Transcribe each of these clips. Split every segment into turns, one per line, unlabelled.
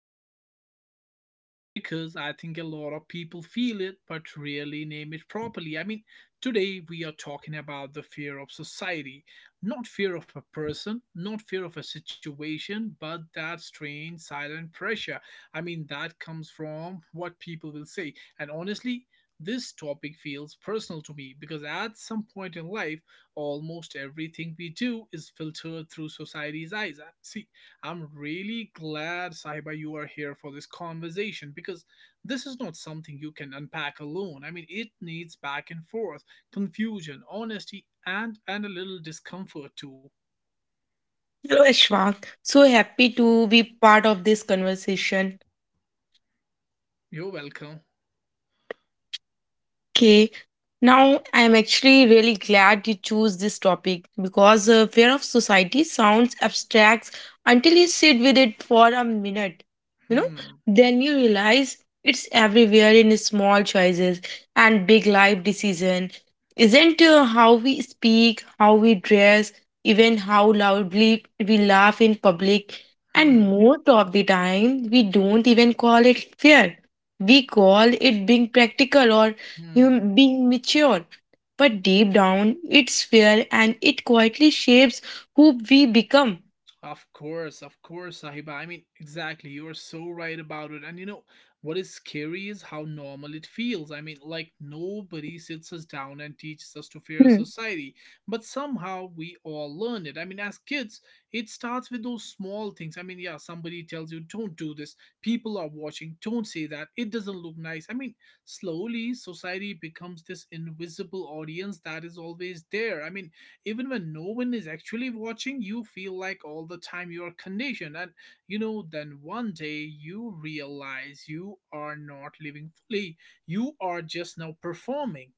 say this out loud because I think a lot of people feel it but rarely name it properly. Today we are talking about the fear of society, not fear of a person, not fear of a situation, but that strange silent pressure that comes from what people will say. And honestly, this topic feels personal to me because at some point in life, almost everything we do is filtered through society's eyes. See, I'm really glad, Sahiba, you are here for this conversation because this is not something you can unpack alone. It needs back and forth, confusion, honesty, and a little discomfort too.
Hello, Ashwak. So happy to be part of this conversation.
You're welcome.
Okay, now I'm actually really glad you chose this topic because fear of society sounds abstract until you sit with it for a minute. You know,
Hmm.
then you realize it's everywhere in small choices and big life decision. Isn't how we speak, how we dress, even how loudly we laugh in public, and
Hmm.
most of the time we don't even call it fear. We call it being practical or
Hmm.
being mature. But deep down, it's fear and it quietly shapes who we become.
Of course, Sahiba. Exactly. You're so right about it. And you know, what is scary is how normal it feels. Like nobody sits us down and teaches us to fear
Hmm.
society, but somehow we all learn it. As kids, it starts with those small things. Yeah, somebody tells you, don't do this. People are watching. Don't say that. It doesn't look nice. Slowly, society becomes this invisible audience that is always there. Even when no one is actually watching, you feel like all the time you are conditioned. And you know, then one day you realize you are not living fully, you are just now performing.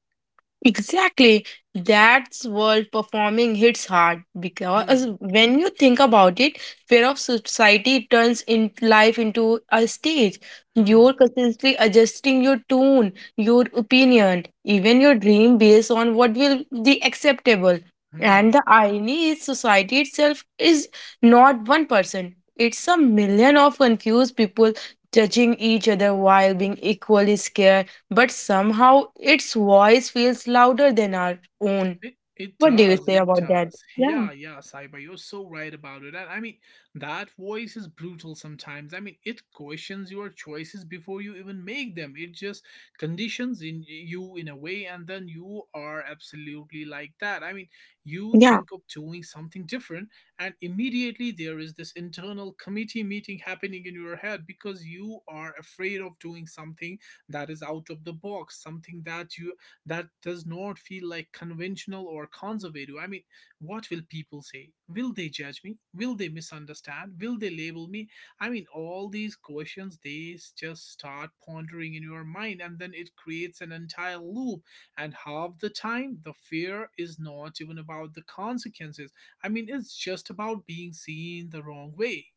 Exactly. That's where performing hits hard because
Hmm,
when you think about it, fear of society turns in life into a stage.
hmm,
You're constantly adjusting your tone, your opinion, even your dream based on what will be acceptable. And
hmm.
the irony is society itself is not one person. It's a million of confused people judging each other while being equally scared, but somehow its voice feels louder than our own.
It it
What do you
does,
say
it
about that?
does.
Yeah,
Yeah, yeah, Saiba, you're so right about it. And that voice is brutal sometimes. It questions your choices before you even make them. It just conditions in you in a way, and then you are absolutely like that. You
yeah.
think of doing something different, and immediately there is this internal committee meeting happening in your head because you are afraid of doing something that is out of the box, something that does not feel like conventional or conservative. What will people say? Will they judge me? Will they misunderstand? Will they label me? All these questions just start pondering in your mind, and then it creates an entire loop. And half the time, the fear is not even about the consequences. It's just about being seen the wrong way.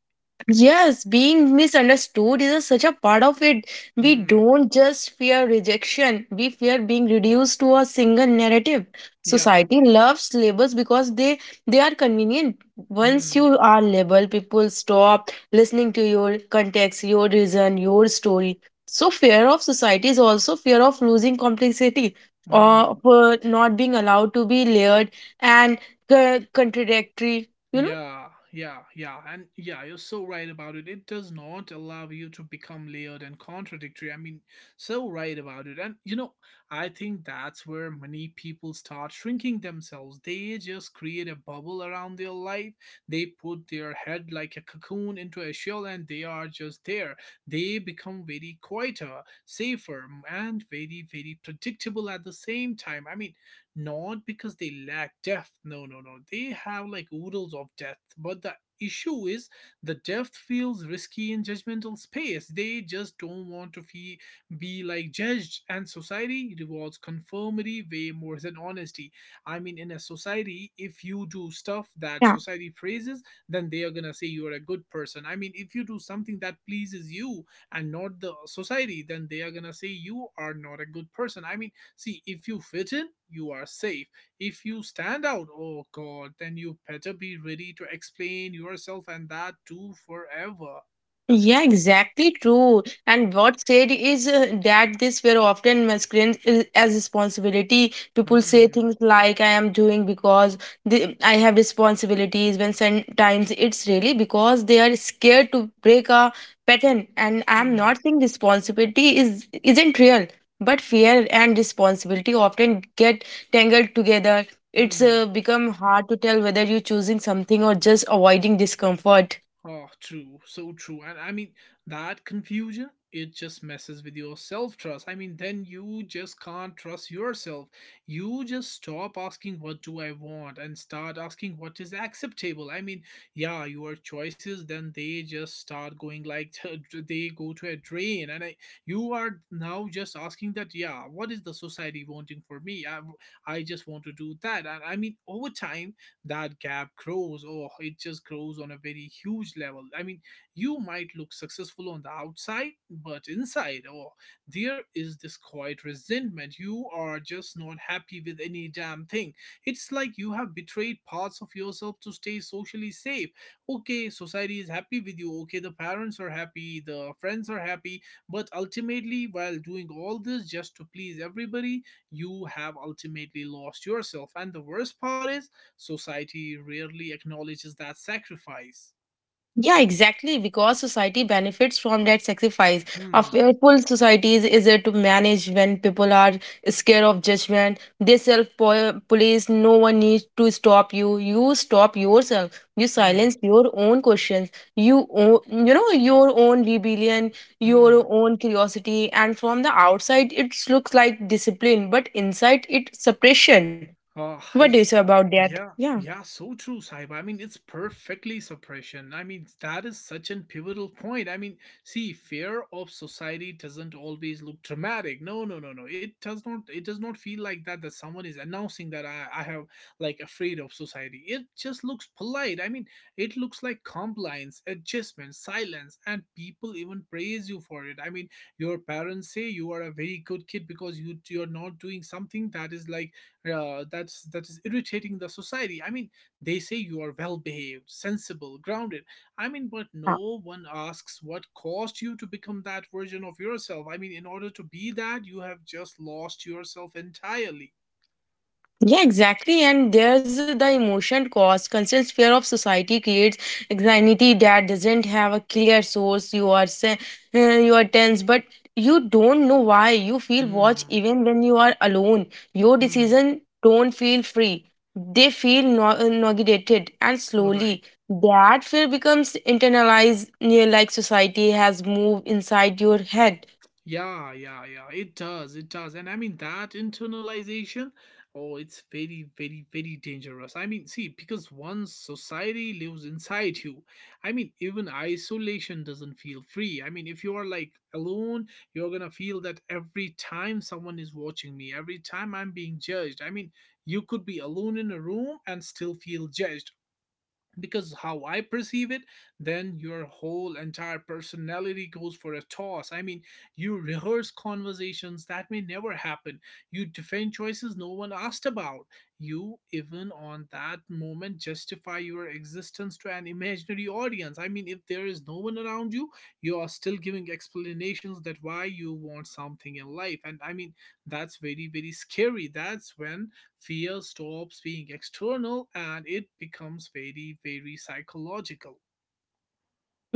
Yes, being misunderstood is a, such a part of it. We
Hmm.
don't just fear rejection, we fear being reduced to a single narrative.
Yeah.
Society loves labels because they are convenient. Once
Hmm.
you are labeled, people stop listening to your context, your reason, your story. So fear of society is also fear of losing complexity, or
Hmm.
for not being allowed to be layered and contradictory. You know.
Yeah, yeah, yeah, and yeah, you're so right about it. It does not allow you to become layered and contradictory. So right about it. And you know, I think that's where many people start shrinking themselves. They just create a bubble around their life. They put their head like a cocoon into a shell and they are just there. They become very quieter, safer, and very, very predictable at the same time. Not because they lack depth, no, they have like oodles of depth, but the issue is the depth feels risky in judgmental space. They just don't want to be like judged, and society rewards conformity way more than honesty. In a society, if you do stuff that society praises, then they are gonna say you're a good person. If you do something that pleases you and not the society, then they are gonna say you are not a good person. See, if you fit in, you are safe. If you stand out, oh god, then you better be ready to explain yourself, and that too forever.
Yeah, exactly true. And what said is that this were often masculine as responsibility. People say
Hmm,
things like "I am doing because I have responsibilities," when sometimes it's really because they are scared to break a pattern. And I'm
hmm,
not saying responsibility is isn't real, but fear and responsibility often get tangled together. It's
hmm.
become hard to tell whether you're choosing something or just avoiding discomfort.
Oh, true, so true. And that confusion, it just messes with your self trust. Then you just can't trust yourself. You just stop asking, what do I want? And start asking, what is acceptable? Yeah, your choices, then they just start going like they go to a drain. And you are now just asking that, yeah, what is the society wanting for me? I just want to do that. And over time, that gap grows, or it just grows on a very huge level. You might look successful on the outside, but inside, oh, there is this quiet resentment. You are just not happy with any damn thing. It's like you have betrayed parts of yourself to stay socially safe. Okay, society is happy with you, okay, the parents are happy, the friends are happy, but ultimately while doing all this just to please everybody, you have ultimately lost yourself. And the worst part is society rarely acknowledges that sacrifice.
Yeah, exactly. Because society benefits from that sacrifice. A
Hmm,
fearful society is easier to manage when people are scared of judgment. They self police. No one needs to stop you. You stop yourself. You
hmm,
silence your own questions. You own, you know your own rebellion,
hmm.
your own curiosity. And from the outside, it looks like discipline, but inside, it suppression.
Oh,
What do you say
it's
about that?
yeah,
Yeah.
yeah, so true, Saiba. It's perfectly suppression. That is such an pivotal point. See, fear of society doesn't always look dramatic. No, no, no, no. It does not. It does not feel like that. That someone is announcing that I have like afraid of society. It just looks polite. It looks like compliance, adjustment, silence, and people even praise you for it. Your parents say you are a very good kid because you're not doing something that is like that is irritating the society. They say you are well behaved, sensible, grounded. But
Yeah.
no one asks what caused you to become that version of yourself. In order to be that, you have just lost yourself entirely.
Yeah, exactly. And there's the emotion cost. Constant fear of society creates anxiety that doesn't have a clear source. You are you are tense, but you don't know why. You feel watched
Hmm.
even when you are alone. Your
Hmm.
decision don't feel free. They feel negated and
All right.
slowly. That fear becomes internalized, near like society has moved inside your head.
Yeah, yeah, yeah. It does. It does. And that internalization, oh, it's very, very, very dangerous. See, because once society lives inside you, even isolation doesn't feel free. If you are like alone, you're gonna feel that every time someone is watching me, every time I'm being judged. You could be alone in a room and still feel judged because how I perceive it, then your whole entire personality goes for a toss. You rehearse conversations that may never happen. You defend choices no one asked about. You even on that moment justify your existence to an imaginary audience. If there is no one around you, you are still giving explanations that why you want something in life. And that's very, very scary. That's when fear stops being external and it becomes very, very psychological.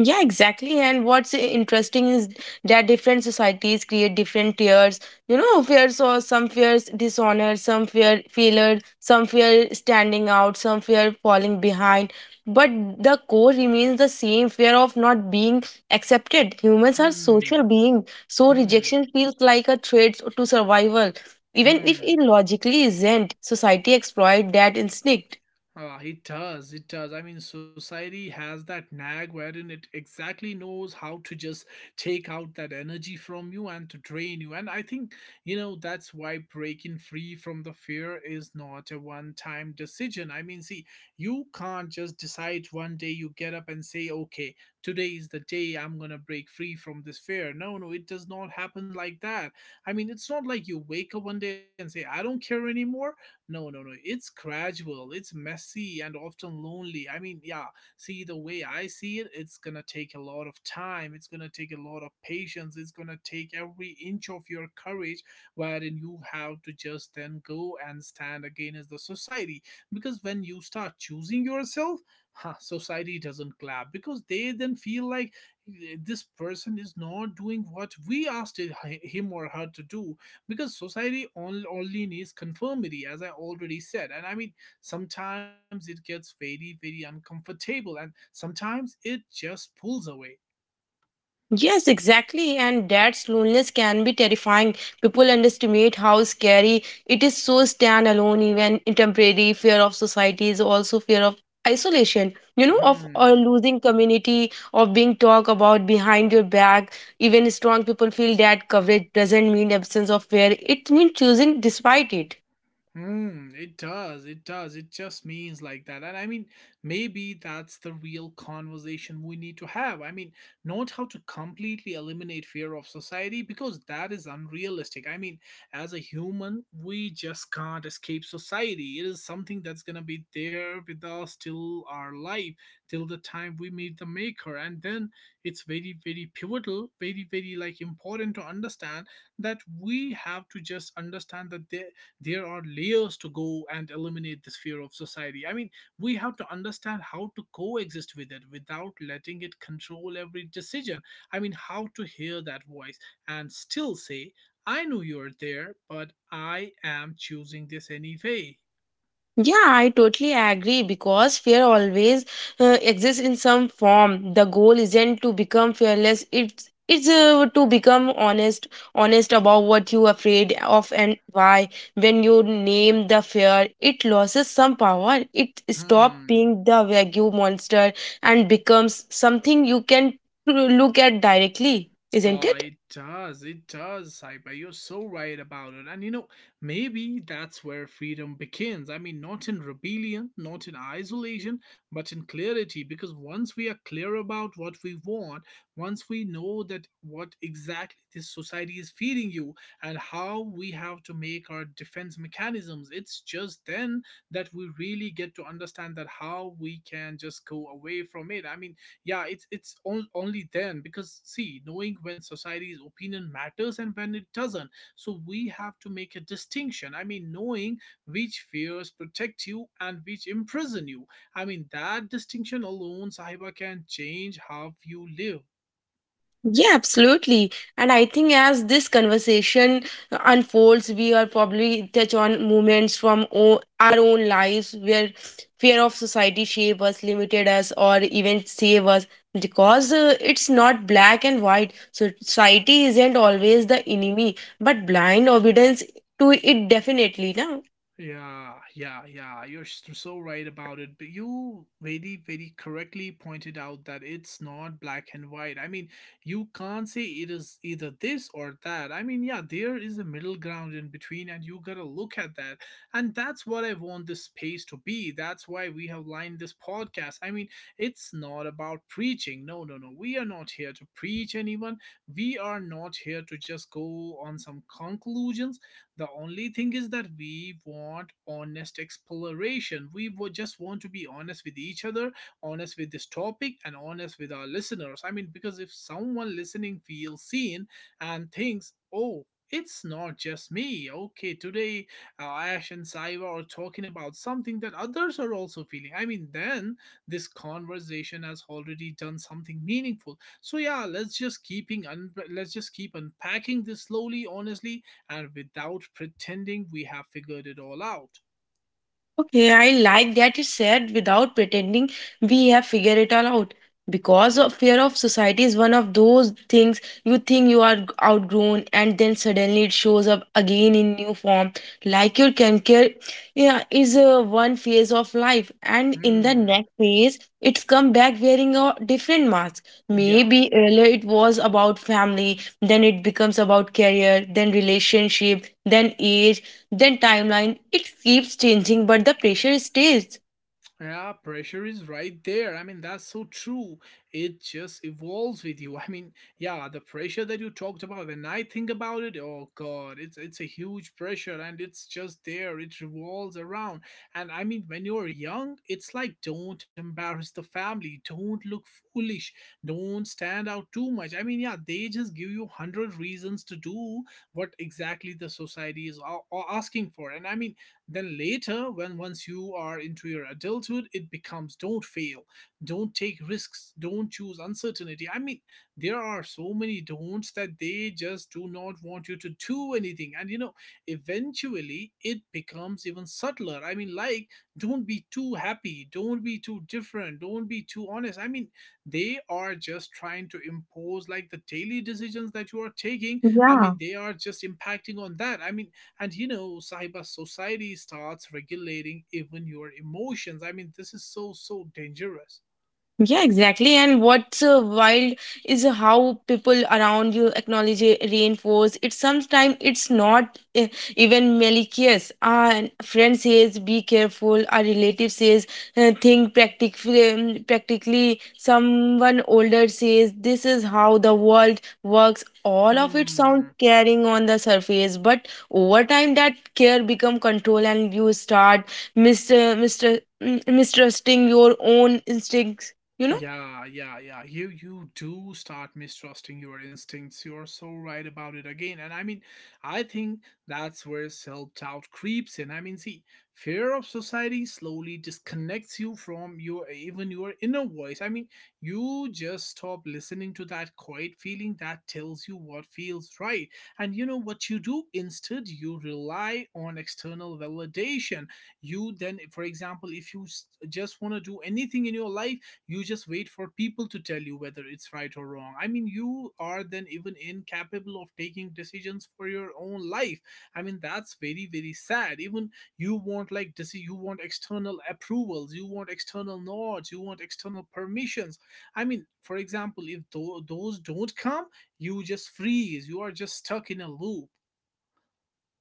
Yeah, exactly. And what's interesting is that different societies create different tiers. You know, fears or some fears dishonor, some fear failure, some fear standing out, some fear falling behind. But the core remains the same fear of not being accepted. Humans are
Hmm,
social beings, so
hmm,
rejection feels like a threat to survival. Even if it
hmm.
logically isn't, society exploit that instinct.
Ah, it does. It does. Society has that nag wherein it exactly knows how to just take out that energy from you and to drain you. And I think, you know, that's why breaking free from the fear is not a one time decision. See, you can't just decide one day you get up and say, okay, today is the day I'm going to break free from this fear. No, no, it does not happen like that. It's not like you wake up one day and say, I don't care anymore, no, no, no. It's gradual, it's messy, and often lonely. Yeah, see, the way I see it, it's gonna take a lot of time, it's gonna take a lot of patience, it's gonna take every inch of your courage, wherein you have to just then go and stand again as the society. Because when you start choosing yourself, huh, society doesn't clap because they then feel like eh, this person is not doing what we asked him or her to do, because society only needs conformity, as I already said. And sometimes it gets very, very uncomfortable, and sometimes it just pulls away.
Yes, exactly. And dad's loneliness can be terrifying. People underestimate how scary it is so stand alone, even in temporary fear of society is also fear of isolation, you know, of
Hmm.
losing community, of being talked about behind your back. Even strong people feel that coverage doesn't mean absence of fear. It means choosing despite it.
Hmm, it does. It does. It just means like that. And maybe that's the real conversation we need to have. Not how to completely eliminate fear of society, because that is unrealistic. As a human, we just can't escape society. It is something that's going to be there with us till our life, till the time we meet the maker. And then it's very, very pivotal, very, very like important to understand that we have to just understand that there are layers to go and eliminate this fear of society. We have to understand how to coexist with it without letting it control every decision. How to hear that voice and still say, I know you're there, but I am choosing this anyway.
Yeah, I totally agree because fear always exists in some form. The goal isn't to become fearless. It's to become honest, honest about what you are afraid of and why. When you name the fear, it loses some power. It stops
Hmm.
being the vague monster and becomes something you can look at directly, isn't
Oh,
it?
it does. It does, Saiba. You're so right about it. And you know, maybe that's where freedom begins. Not in rebellion, not in isolation, but in clarity. Because once we are clear about what we want, once we know that what exactly this society is feeding you and how we have to make our defense mechanisms, it's just then that we really get to understand that how we can just go away from it. I mean, only then, because see, knowing when society's opinion matters and when it doesn't, so we have to make a distinction. I mean, knowing which fears protect you and which imprison you. I mean, that distinction alone, Sahiba, can change how you live.
Yeah, absolutely. And I think as this conversation unfolds, we are probably touch on moments from our own lives where fear of society shape us, limited us, or even save us. Because it's not black and white, so society isn't always the enemy, but blind obedience to it definitely. Na?
Yeah, yeah, yeah. You're so right about it. But you very, very correctly pointed out that it's not black and white. I mean, you can't say it is either this or that. I mean, yeah, there is a middle ground in between, and you gotta look at that. And that's what I want this space to be. That's why we have lined this podcast. I mean, it's not about preaching. No, no, no. We are not here to preach anyone. We are not here to just go on some conclusions. The only thing is that we want honest exploration. We would just want to be honest with each other, honest with this topic, and honest with our listeners. I mean, because if someone listening feels seen and thinks, oh, it's not just me. Okay, today Ash and Saiva are talking about something that others are also feeling. I mean, then this conversation has already done something meaningful. So yeah, let's just keep unpacking this slowly, honestly, and without pretending we have figured it all out.
Okay, I like that you said without pretending we have figured it all out. Because of fear of society is one of those things you think you are outgrown and then suddenly it shows up again in new form. Like your cancer yeah, is one phase of life and in the
Hmm.
next phase it's come back wearing a different mask.
Yeah.
Maybe earlier it was about family, then it becomes about career, then relationship, then age, then timeline it keeps changing but the pressure stays.
Yeah, pressure is right there. I mean, that's so true. It just evolves with you. I mean, yeah, the pressure that you talked about, when I think about it, oh God, it's a huge pressure and it's just there. It revolves around. And I mean, when you're young, it's like don't embarrass the family, don't look foolish, don't stand out too much. I mean, yeah, they just give you 100 reasons to do what exactly the society is asking for. And I mean, then later, when once you are into your adulthood, it becomes don't fail, don't take risks, don't choose uncertainty. I mean, there are so many don'ts that they just do not want you to do anything. And you know, eventually it becomes even subtler. I mean, like, don't be too happy, don't be too different, don't be too honest. I mean, they are just trying to impose like the daily decisions that you are taking. I
Yeah.
mean, they are just impacting on that. I mean, and you know, cyber society starts regulating even your emotions. I mean, this is so, so dangerous.
Yeah, exactly. And what's wild is how people around you acknowledge it, reinforce it. Sometimes it's not even malicious. A friend says, "Be careful." A relative says, "Think practically." Practically, someone older says, "This is how the world works." All of it sounds
Hmm.
caring on the surface, but over time, that care become control, and you start mister mister mistrusting your own instincts, you know.
Yeah, yeah, yeah. You do start mistrusting your instincts. You're so right about it again. And I mean, I think that's where self-doubt creeps in. I mean, see, fear of society slowly disconnects you from your even your inner voice. I mean, you just stop listening to that quiet feeling that tells you what feels right. And you know what you do? Instead, you rely on external validation. You then, for example, if you just want to do anything in your life, you just wait for people to tell you whether it's right or wrong. I mean, you are then even incapable of taking decisions for your own life. I mean, that's very, very sad. Even you want like you want external approvals, you want external nods, you want external permissions. I mean, for example, if those don't come, you just freeze. You are just stuck in a loop.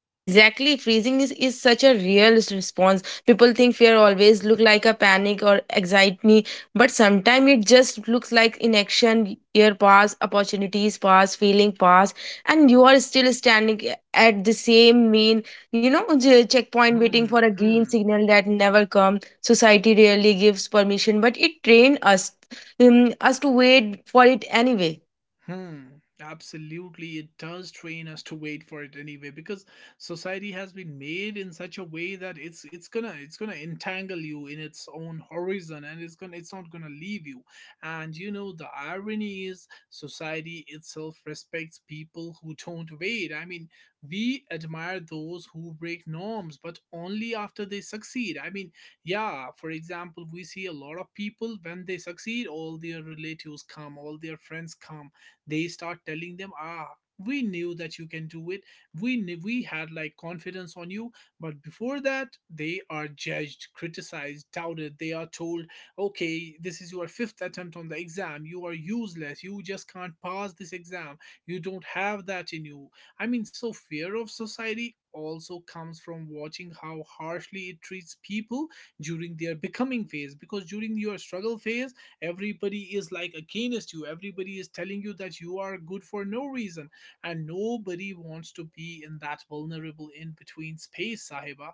Yeah, exactly. Freezing is such a real response. People think fear always look like a panic or anxiety, but sometimes it just looks like inaction. Year pass opportunities pass feeling pass, and you are still standing at the same mean, you know, checkpoint waiting
Hmm.
for a green
Hmm.
signal that never comes. Society rarely gives permission but it trains us us to wait for it anyway.
Hmm, absolutely. It does train us to wait for it anyway, because society has been made in such a way that it's gonna entangle you in its own horizon, and it's not gonna leave you. And you know, the irony is society itself respects people who don't wait. I mean, we admire those who break norms, but only after they succeed. I mean, yeah, for example, we see a lot of people when they succeed, all their relatives come, all their friends come. They start telling them, ah, we knew that you can do it, we knew we had like confidence on you. But before that, they are judged, criticized, doubted. They are told, okay, this is your fifth attempt on the exam, you are useless, you just can't pass this exam, you don't have that in you. I mean, so fear of society also comes from watching how harshly it treats people during their becoming phase, because during your struggle phase, everybody is like against you, everybody is telling you that you are good for no reason. And nobody wants to be in that vulnerable in between space, Sahiba.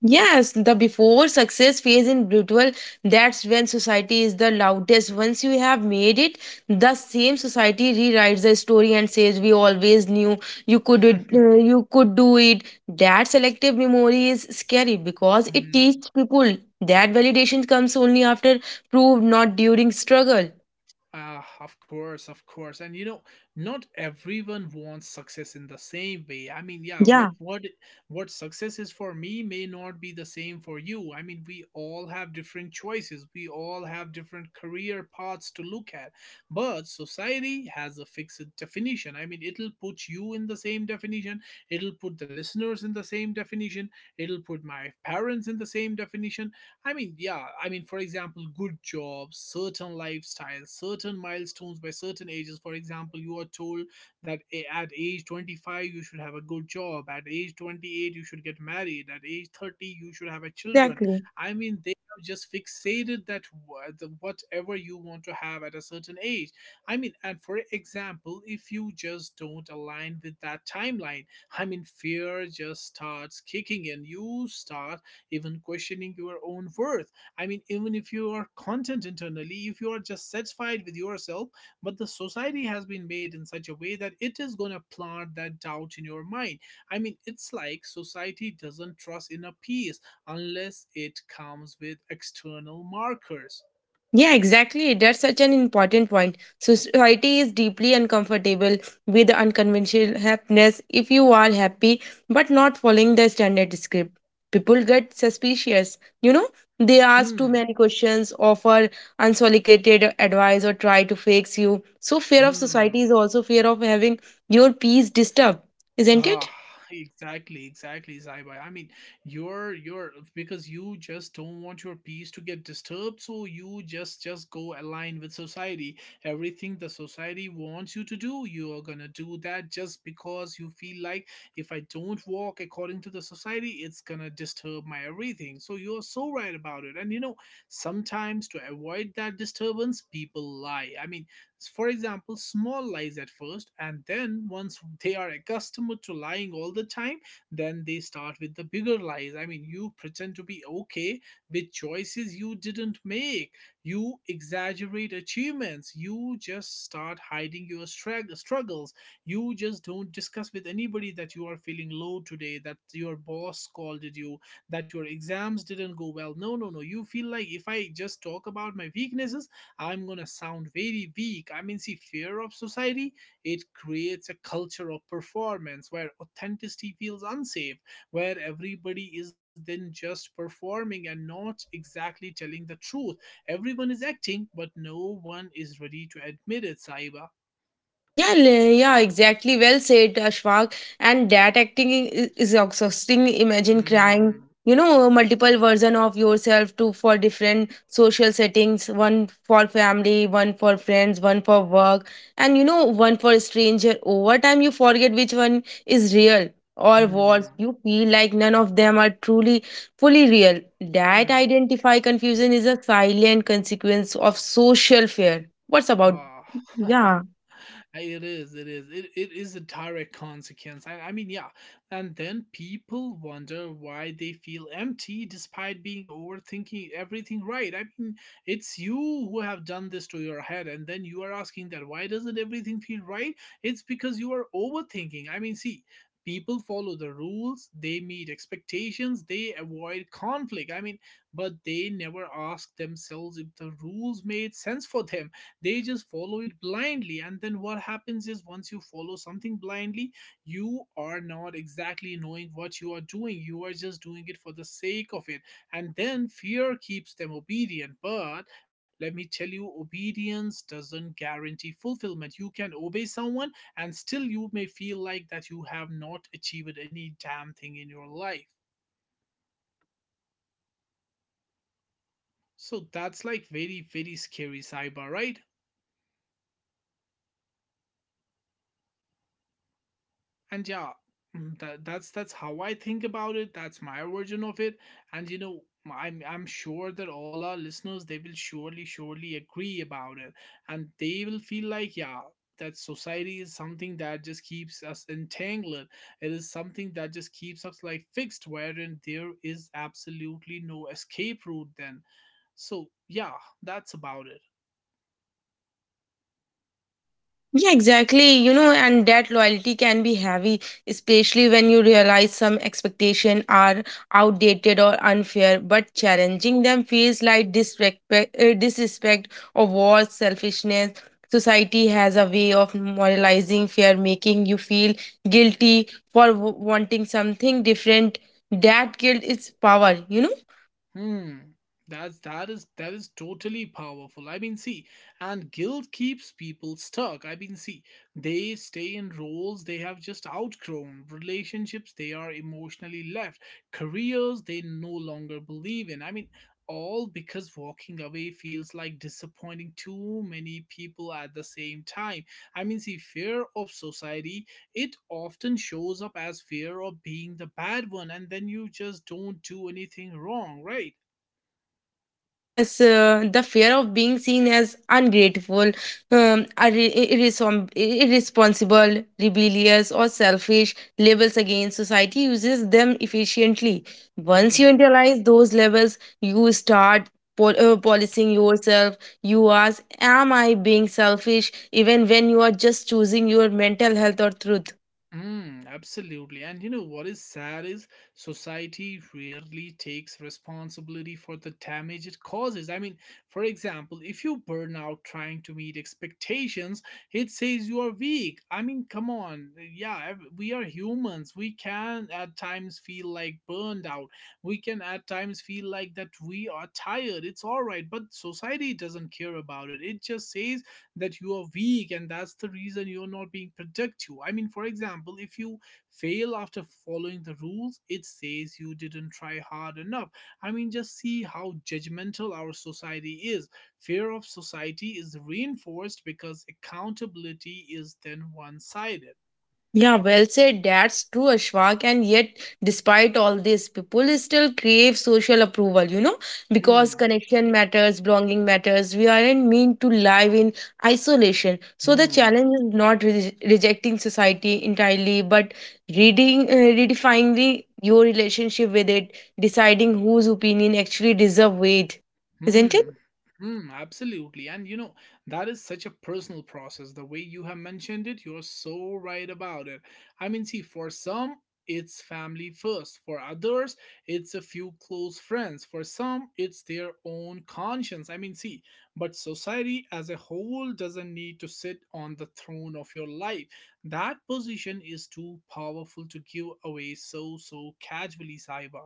Yes, the before success phase in brutal, that's when society is the loudest. Once you have made it, the same society rewrites the story and says, "We always knew you could it, you could do it." That selective memory is scary because it
Mm-hmm.
teaches people that validation comes only after proved, not during struggle.
Ah, of course, of course. And you know, not everyone wants success in the same way. I mean, yeah, what
Yeah,
what what success is for me may not be the same for you. I mean, we all have different choices. We all have different career paths to look at. But society has a fixed definition. I mean, it'll put you in the same definition. It'll put the listeners in the same definition. It'll put my parents in the same definition. I mean, yeah, I mean, for example, good jobs, certain lifestyles, certain milestones by certain ages. For example, you are told that at age 25, you should have a good job. At age 28, you should get married. At age 30, you should have a children.
exactly.
I mean, they have just fixated that whatever you want to have at a certain age. I mean, and for example, if you just don't align with that timeline, I mean, fear just starts kicking in. You start even questioning your own worth. I mean, even if you are content internally, if you are just satisfied with yourself, but the society has been made in such a way that it is going to plant that doubt in your mind. I mean, it's like society doesn't trust in a piece unless it comes with external markers.
Yeah, exactly. That's such an important point. Society is deeply uncomfortable with unconventional happiness if you are happy but not following the standard script. People get suspicious. You know, they ask too
Hmm.
many questions, offer unsolicited advice, or try to fix you. So, fear of society
Hmm.
is also fear of having your peace disturbed, isn't
Ah,
it?
exactly, exactly, Zaibai. I mean, you're because you just don't want your peace to get disturbed, so you just go align with society. Everything the society wants you to do, you are gonna do that just because you feel like, if I don't walk according to the society, it's gonna disturb my everything. So you're so right about it. And you know, sometimes to avoid that disturbance, people lie. I mean, for example, small lies at first, and then once they are accustomed to lying all the time, then they start with the bigger lies. I mean, you pretend to be okay with choices you didn't make, you exaggerate achievements, you just start hiding your struggles, you just don't discuss with anybody that you are feeling low today, that your boss scolded you, that your exams didn't go well. No, no, no. You feel like, if I just talk about my weaknesses, I'm gonna sound very weak. I mean, see, fear of society, it creates a culture of performance where authenticity feels unsafe, where everybody is then just performing and not exactly telling the truth. Everyone is acting, but no one is ready to admit it, Saiba.
Yeah, exactly. Well said, Ashfaq. And that acting is exhausting. Imagine crying,
Hmm.
you know, multiple version of yourself to for different social settings, one for family, one for friends, one for work, and you know, one for stranger. Over time, you forget which one is real or worse.
Hmm.
You feel like none of them are truly, fully real. That
Hmm.
identify confusion is a silent consequence of social fear. What's about?
Ah.
Yeah.
It is, it is. It is a direct consequence. I mean, yeah. And then people wonder why they feel empty despite being overthinking everything, right. I mean, it's you who have done this to your head, and then you are asking that why doesn't everything feel right? It's because you are overthinking. I mean, see, people follow the rules, they meet expectations, they avoid conflict. I mean, but they never ask themselves if the rules made sense for them. They just follow it blindly. And then what happens is, once you follow something blindly, you are not exactly knowing what you are doing, you are just doing it for the sake of it. And then fear keeps them obedient. But let me tell you, obedience doesn't guarantee fulfillment. You can obey someone and still you may feel like that you have not achieved any damn thing in your life. So that's like very, very scary, cyber, right? And yeah, that's how I think about it. That's my version of it. And you know, I'm sure that all our listeners, they will surely agree about it, and they will feel like, yeah, that society is something that just keeps us entangled. It is something that just keeps us like fixed, wherein there is absolutely no escape route then. So yeah, that's about it.
Yeah, exactly. You know, and that loyalty can be heavy, especially when you realize some expectations are outdated or unfair, but challenging them feels like disrespect, or worse, selfishness. Society has a way of moralizing fear, making you feel guilty for wanting something different. That guilt is power, you know?
Hmm. That's that is totally powerful. I mean, see, and guilt keeps people stuck. I mean, see, they stay in roles they have just outgrown. Relationships they are emotionally left. Careers they no longer believe in. I mean, all because walking away feels like disappointing too many people at the same time. I mean, see, fear of society it often shows up as fear of being the bad one, and then you just don't do anything wrong, right?
Yes, the fear of being seen as ungrateful, irresponsible, rebellious, or selfish labels against society uses them efficiently. Once you
hmm
internalize those labels, you start policing yourself. You ask, am I being selfish? Even when you are just choosing your mental health or truth.
Mm, absolutely. And you know what is sad is society rarely takes responsibility for the damage it causes. I mean, for example, if you burn out trying to meet expectations, it says you are weak. I mean, come on. Yeah, we are humans. We can at times feel like burned out. We can at times feel like that we are tired. It's all right. But society doesn't care about it. It just says that you are weak and that's the reason you're not being productive. I mean, for example, if you fail after following the rules, it says you didn't try hard enough. I mean, just see how judgmental our society is. Fear of society is reinforced because accountability is then one-sided.
Yeah, well said. That's true, Ashwak. And yet, despite all this, people still crave social approval, you know, because
hmm
connection matters, belonging matters. We aren't meant to live in isolation. So, the
hmm
challenge is not rejecting society entirely, but reading, uh, redefining your relationship with it, deciding whose opinion actually deserve weight, isn't it?
Hmm. Hmm, absolutely. And you know, that is such a personal process. The way you have mentioned it, you're so right about it. I mean, see, for some, it's family first. For others, it's a few close friends. For some, it's their own conscience. I mean, see, but society as a whole doesn't need to sit on the throne of your life. That position is too powerful to give away so, so casually, Saiba.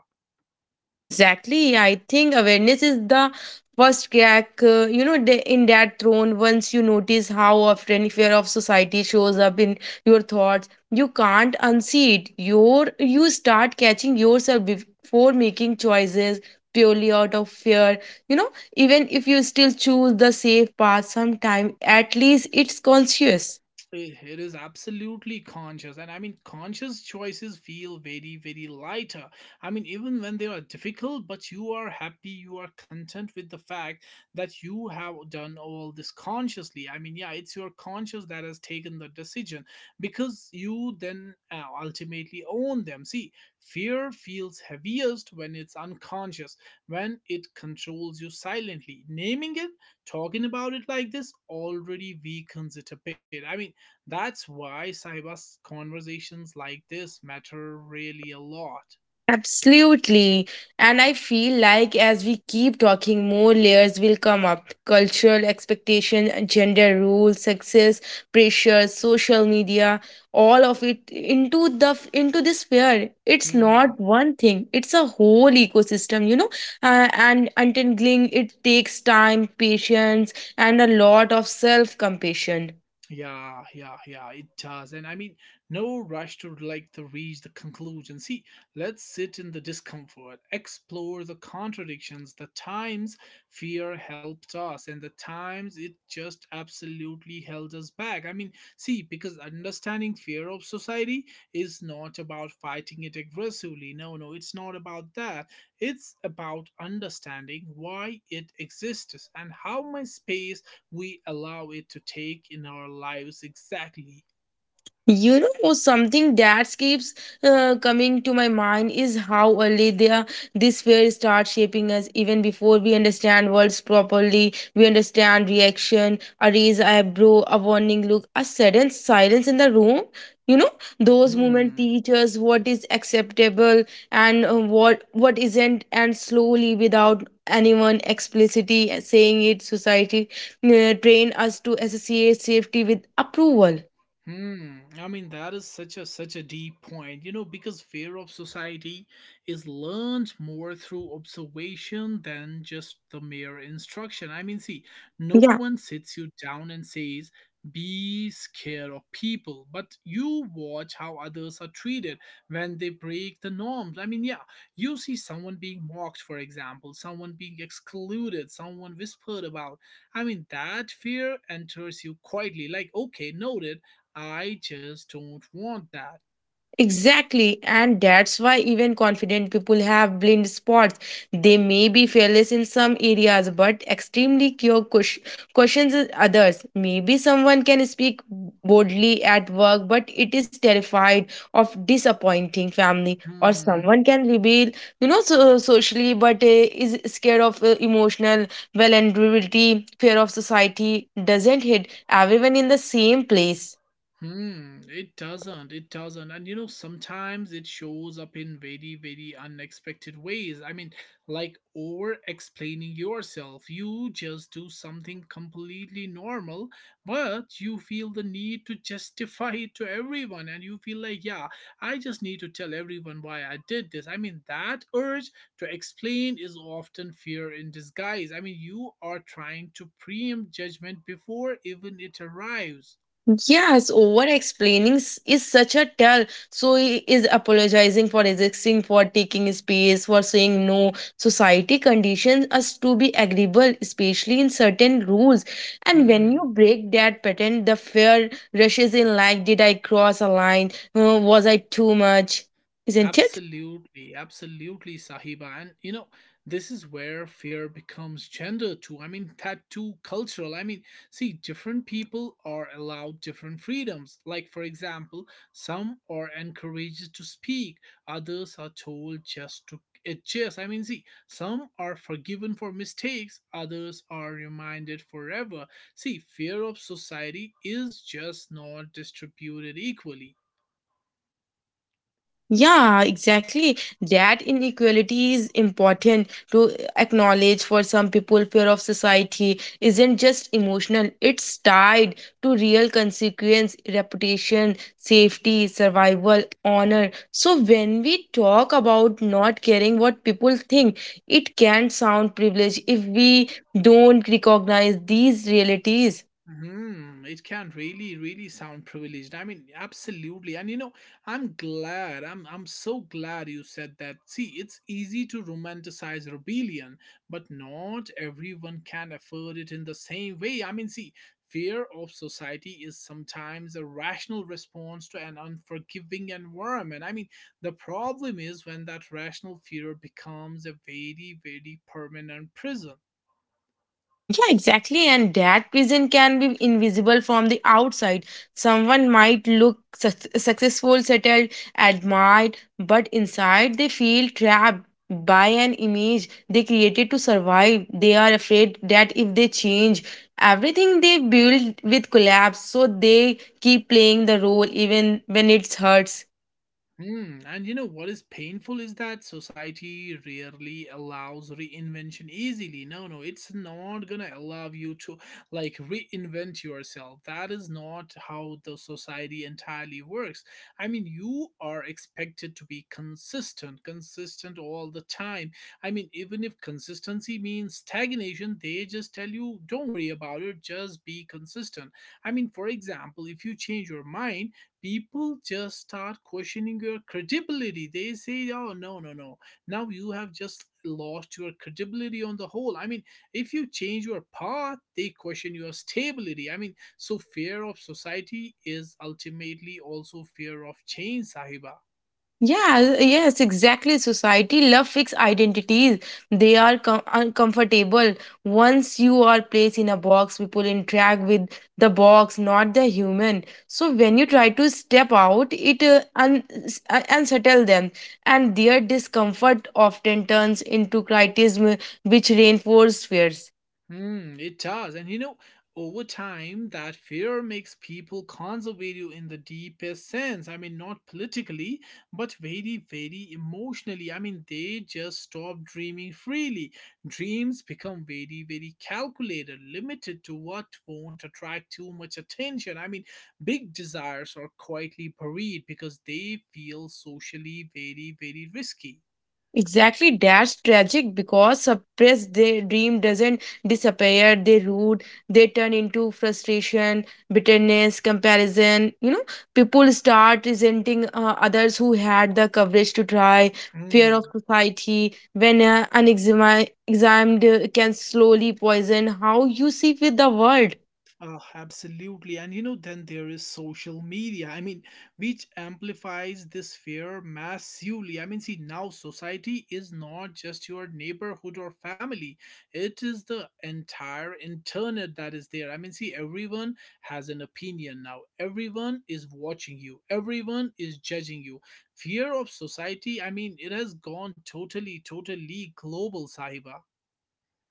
Yeah, exactly. I think awareness is the first crack, you know, in that throne. Once you notice how often fear of society shows up in your thoughts, you can't unsee it. Your you start catching yourself before making choices purely out of fear. You know, even if you still choose the safe path, sometime at least it's conscious.
Eh, it is absolutely conscious, and I mean, conscious choices feel very, very lighter. I mean, even when they are difficult, but you are happy, you are content with the fact that you have done all this consciously. I mean, yeah, it's your conscious that has taken the decision because you then ultimately own them. See, fear feels heaviest when it's unconscious, when it controls you silently. Naming it, talking about it like this already weakens it a bit. I mean, that's why cyber conversations like this matter really a lot.
Absolutely. And I feel like as we keep talking, more layers will come up cultural expectation, gender roles, success, pressure, social media, all of it into the into this sphere. It's
Hmm.
not one thing, it's a whole ecosystem, you know. And untangling it takes time, patience, and a lot of self compassion.
Yeah, yeah, yeah, it does. And I mean, no rush to like to reach the conclusion. See, let's sit in the discomfort, explore the contradictions, the times fear helped us, and the times it just absolutely held us back. I mean, see, because understanding fear of society is not about fighting it aggressively. No, no, it's not about that. It's about understanding why it exists and how my space we allow it to take in our lives exactly.
You know, something that keeps coming to my mind is how early there this fear starts shaping us even before we understand words properly. We understand reaction, a raised eyebrow, a warning look, a sudden silence in the room. You know, those
Hmm.
moments teach us what is acceptable and what isn't, and slowly, without anyone explicitly saying it, society train us to associate safety with approval.
Hmm. I mean, that is such a such a deep point, you know, because fear of society is learned more through observation than just the mere instruction. I mean, see, no
Yeah.
one sits you down and says, "Be scared of people," but you watch how others are treated when they break the norms. I mean, yeah, you see someone being mocked, for example, someone being excluded, someone whispered about. I mean, that fear enters you quietly, like, "Okay, noted." I just don't want that.
Exactly, and that's why even confident people have blind spots. They may be fearless in some areas but extremely questions in others. Maybe someone can speak boldly at work but it is terrified of disappointing family, or
Hmm.
someone can reveal, you know, so, socially but is scared of emotional vulnerability, fear of society doesn't hit everyone in the same place.
Hmm, it doesn't. It doesn't. And you know, sometimes it shows up in very, very unexpected ways. I mean, like over explaining yourself. You just do something completely normal, but you feel the need to justify it to everyone. And you feel like, yeah, I just need to tell everyone why I did this. I mean, that urge to explain is often fear in disguise. I mean, you are trying to preempt judgment before even it arrives.
Yes, over explaining is such a tell. So he is apologizing for existing, for taking space, for saying no. Society conditions us to be agreeable, especially in certain rules. And when
Hmm.
you break that pattern, the fear rushes in like, did I cross a line? Was I too much? Isn't it?
Absolutely, absolutely, Sahiba. And you know, this is where fear becomes gender too. I mean, that too cultural. I mean, see, different people are allowed different freedoms. Like, for example, some are encouraged to speak, others are told just to adjust. I mean, see, some are forgiven for mistakes, others are reminded forever. See, fear of society is just not distributed equally.
Yeah, exactly. That inequality is important to acknowledge for some people. Fear of society isn't just emotional, it's tied to real consequence, reputation, safety, survival, honor. So, when we talk about not caring what people think, it can sound privileged if we don't recognize these realities.
Hmm, it can really, really sound privileged. I mean, absolutely. And you know, I'm glad. I'm so glad you said that. See, it's easy to romanticize rebellion, but not everyone can afford it in the same way. I mean, see, fear of society is sometimes a rational response to an unforgiving environment. I mean, the problem is when that rational fear becomes a very, very permanent prison.
Yeah, exactly. And that vision can be invisible from the outside. Someone might look successful, settled, admired, but inside they feel trapped by an image they created to survive. They are afraid that if they change, everything they build will collapse. So they keep playing the role even when it hurts.
Hmm, and you know what is painful is that society rarely allows reinvention easily. No, no, it's not gonna allow you to like reinvent yourself. That is not how the society entirely works. I mean, you are expected to be consistent, consistent all the time. I mean, even if consistency means stagnation, they just tell you, don't worry about it, just be consistent. I mean, for example, if you change your mind, people just start questioning your credibility. They say, oh, no, no, no. Now you have just lost your credibility on the whole. I mean, if you change your path, they question your stability. I mean, so fear of society is ultimately also fear of change, Sahiba.
Yeah, yes, exactly. Society love fixed identities. They are uncomfortable. Once you are placed in a box, people interact with the box, not the human. So when you try to step out, it unsettle them, and their discomfort often turns into criticism, which reinforces fears.
Hmm, it does. And you know, over time, that fear makes people conservative in the deepest sense. I mean, not politically, but very, very emotionally. I mean, they just stop dreaming freely. Dreams become very, very calculated, limited to what won't attract too much attention. I mean, big desires are quietly buried because they feel socially very, very risky.
Exactly, that's tragic because suppressed their dream doesn't disappear, they root, they turn into frustration, bitterness, comparison. You know, people start resenting others who had the coverage to try, fear of
Mm.
society, when unexamined, can slowly poison how you see with the world.
Oh, absolutely. And you know, then there is social media. I mean, which amplifies this fear massively. I mean, see, now society is not just your neighborhood or family, it is the entire internet that is there. I mean, see, everyone has an opinion now. Everyone is watching you, everyone is judging you. Fear of society, I mean, it has gone totally, totally global, Sahiba.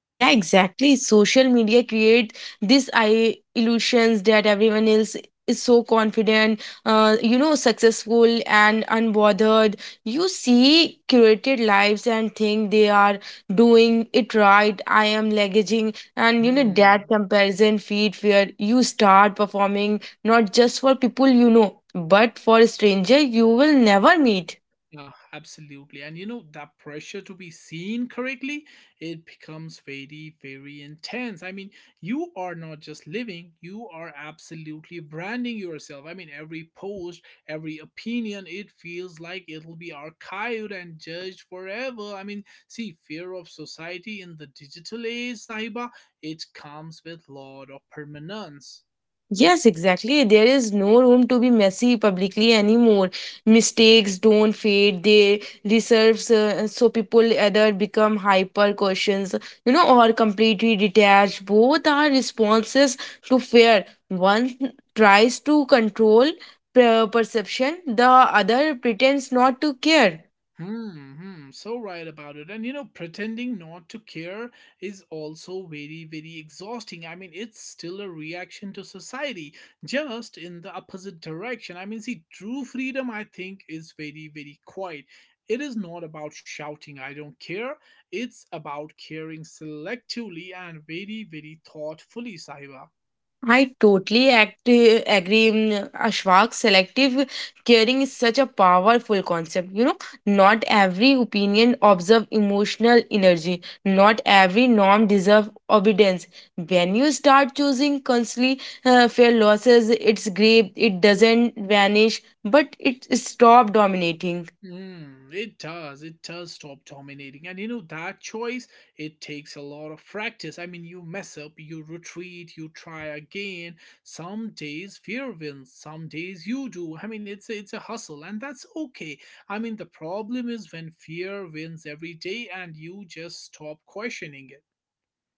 Yeah, exactly. Social media create this I illusions that everyone else is so confident, you know, successful and unbothered. You see curated lives and think they are doing it right. I am leveraging, and you know that
Hmm.
comparison feed where you start performing not just for people you know, but for stranger you will never meet.
Yeah, absolutely. And you know, that pressure to be seen correctly, it becomes very, very intense. I mean, you are not just living, you are absolutely branding yourself. I mean, every post, every opinion, it feels like it'll be archived and judged forever. I mean, see, fear of society in the digital age, Sahiba, it comes with lot of permanence.
Yes, exactly. There is no room to be messy publicly anymore. Mistakes don't fade; they reserves so people either become hyper cautious, you know, or completely detached. Both are responses to fear. One tries to control perception; the other pretends not to care.
Hmm, hmm, so right about it. And you know, pretending not to care is also very, very exhausting. I mean, it's still a reaction to society, just in the opposite direction. I mean, see, true freedom, I think, is very, very quiet. It is not about shouting, I don't care. It's about caring selectively and very, very thoughtfully, Sahiba.
I totally act, agree, mm, Ashwak. Selective caring is such a powerful concept. You know, not every opinion observe emotional energy. Not every norm deserve obedience. When you start choosing constantly fair losses, its grave, it doesn't vanish, but it stop dominating.
Mm, it does. It does stop dominating. And you know, that choice, it takes a lot of practice. I mean, you mess up, you retreat, you try again. Some days fear wins, some days you do. I mean, it's a hustle, and that's okay. I mean, the problem is when fear wins every day and you just stop questioning it.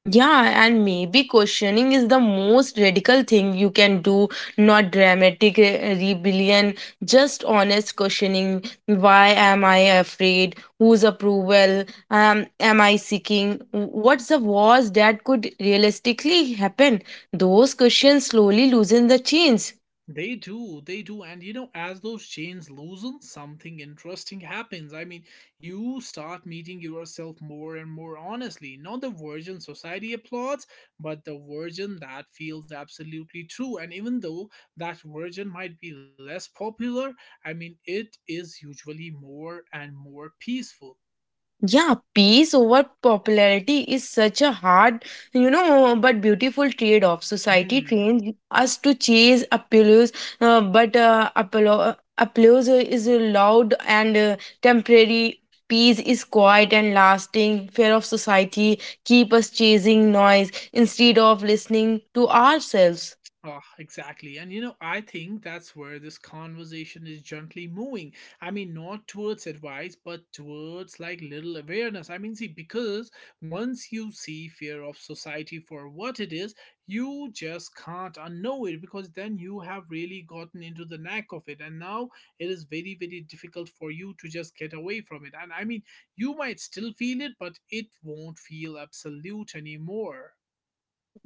Yeah, and maybe questioning is the most radical thing you can do, not dramatic rebellion, just honest questioning. Why am I afraid? Whose approval am I seeking? What's the worst that could realistically happen? Those questions slowly loosen the chains.
They do, they do. And you know, as those chains loosen, something interesting happens. I mean, you start meeting yourself more and more honestly. Not the version society applauds, but the version that feels absolutely true. And even though that version might be less popular, I mean, it is usually more and more peaceful.
Yeah, peace over popularity is such a hard, you know, but beautiful trade off. Society
Hmm.
trains us to chase applause, but applause is loud and temporary. Peace is quiet and lasting. Fear of society keep us chasing noise instead of listening to ourselves.
Oh, exactly. And you know, I think that's where this conversation is gently moving. I mean, not towards advice, but towards like little awareness. I mean, see, because once you see fear of society for what it is, you just can't unknow it because then you have really gotten into the knack of it. And now it is very, very difficult for you to just get away from it. And I mean, you might still feel it, but it won't feel absolute anymore.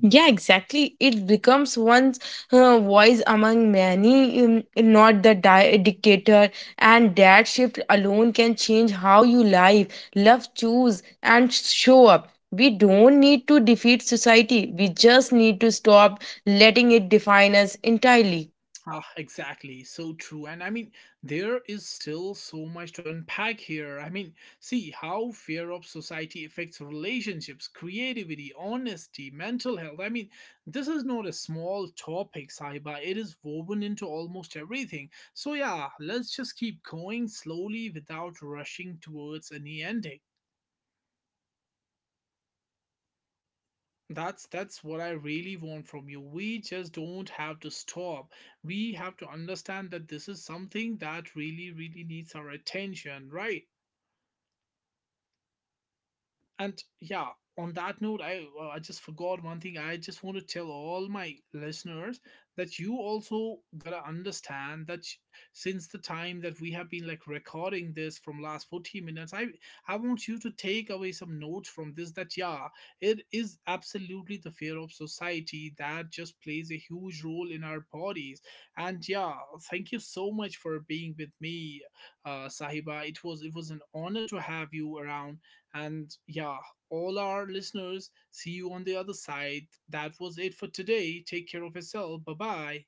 Yeah, exactly. It becomes one's voice among many, not the dictator. And that shift alone can change how you live, love, choose, and show up. We don't need to defeat society. We just need to stop letting it define us entirely.
Ah, exactly. So true. And I mean, there is still so much to unpack here. I mean, see how fear of society affects relationships, creativity, honesty, mental health. I mean, this is not a small topic, Saiba. It is woven into almost everything. So, yeah,
Yeah,
let's just keep going
exactly. You know,
slowly
when you
without rushing
mentioned
towards any
relationship,
ending.
it's really stuck with me. Fear of society plays such a massive role
That's
in the
that's what I
mm, in
really
who
want
we
from you.
love,
We
how
just
we
don't
love,
have to
and
stop.
even whether
We
we
have to
allow
understand that this
ourselves
is
to love at
something
all.
that
So
really
many
really needs our
relationships are
attention,
shaped
right?
less by emotional truth and more by social
And yeah,
approval.
on that note,
People
I
don't
well, I just
always
forgot
ask,
one thing.
"Do I
I just want
feel
to tell
safe and
all my
understood with the
listeners
with this
that you
person?" They
also
ask,
gotta
"Will this
understand that
relationship be
since the
accepted?"
time that we have been like recording this from last 40
Isn't
minutes, I
it?
I want you to take away
That
some
so
notes from
real
this
fear
that
of
yeah, it
society
is
sneaks into
absolutely the
love
fear of
very
society that
quietly.
just
It
plays a
decides who
huge
is
role in our
suitable, who
bodies.
is
And yeah,
presentable,
thank you so
who
much for
fits into
being with me, Sahiba. It was an honor to have you around, and yeah, all our listeners, see you on the other side. That was it for today. Take care of yourself. Bye bye.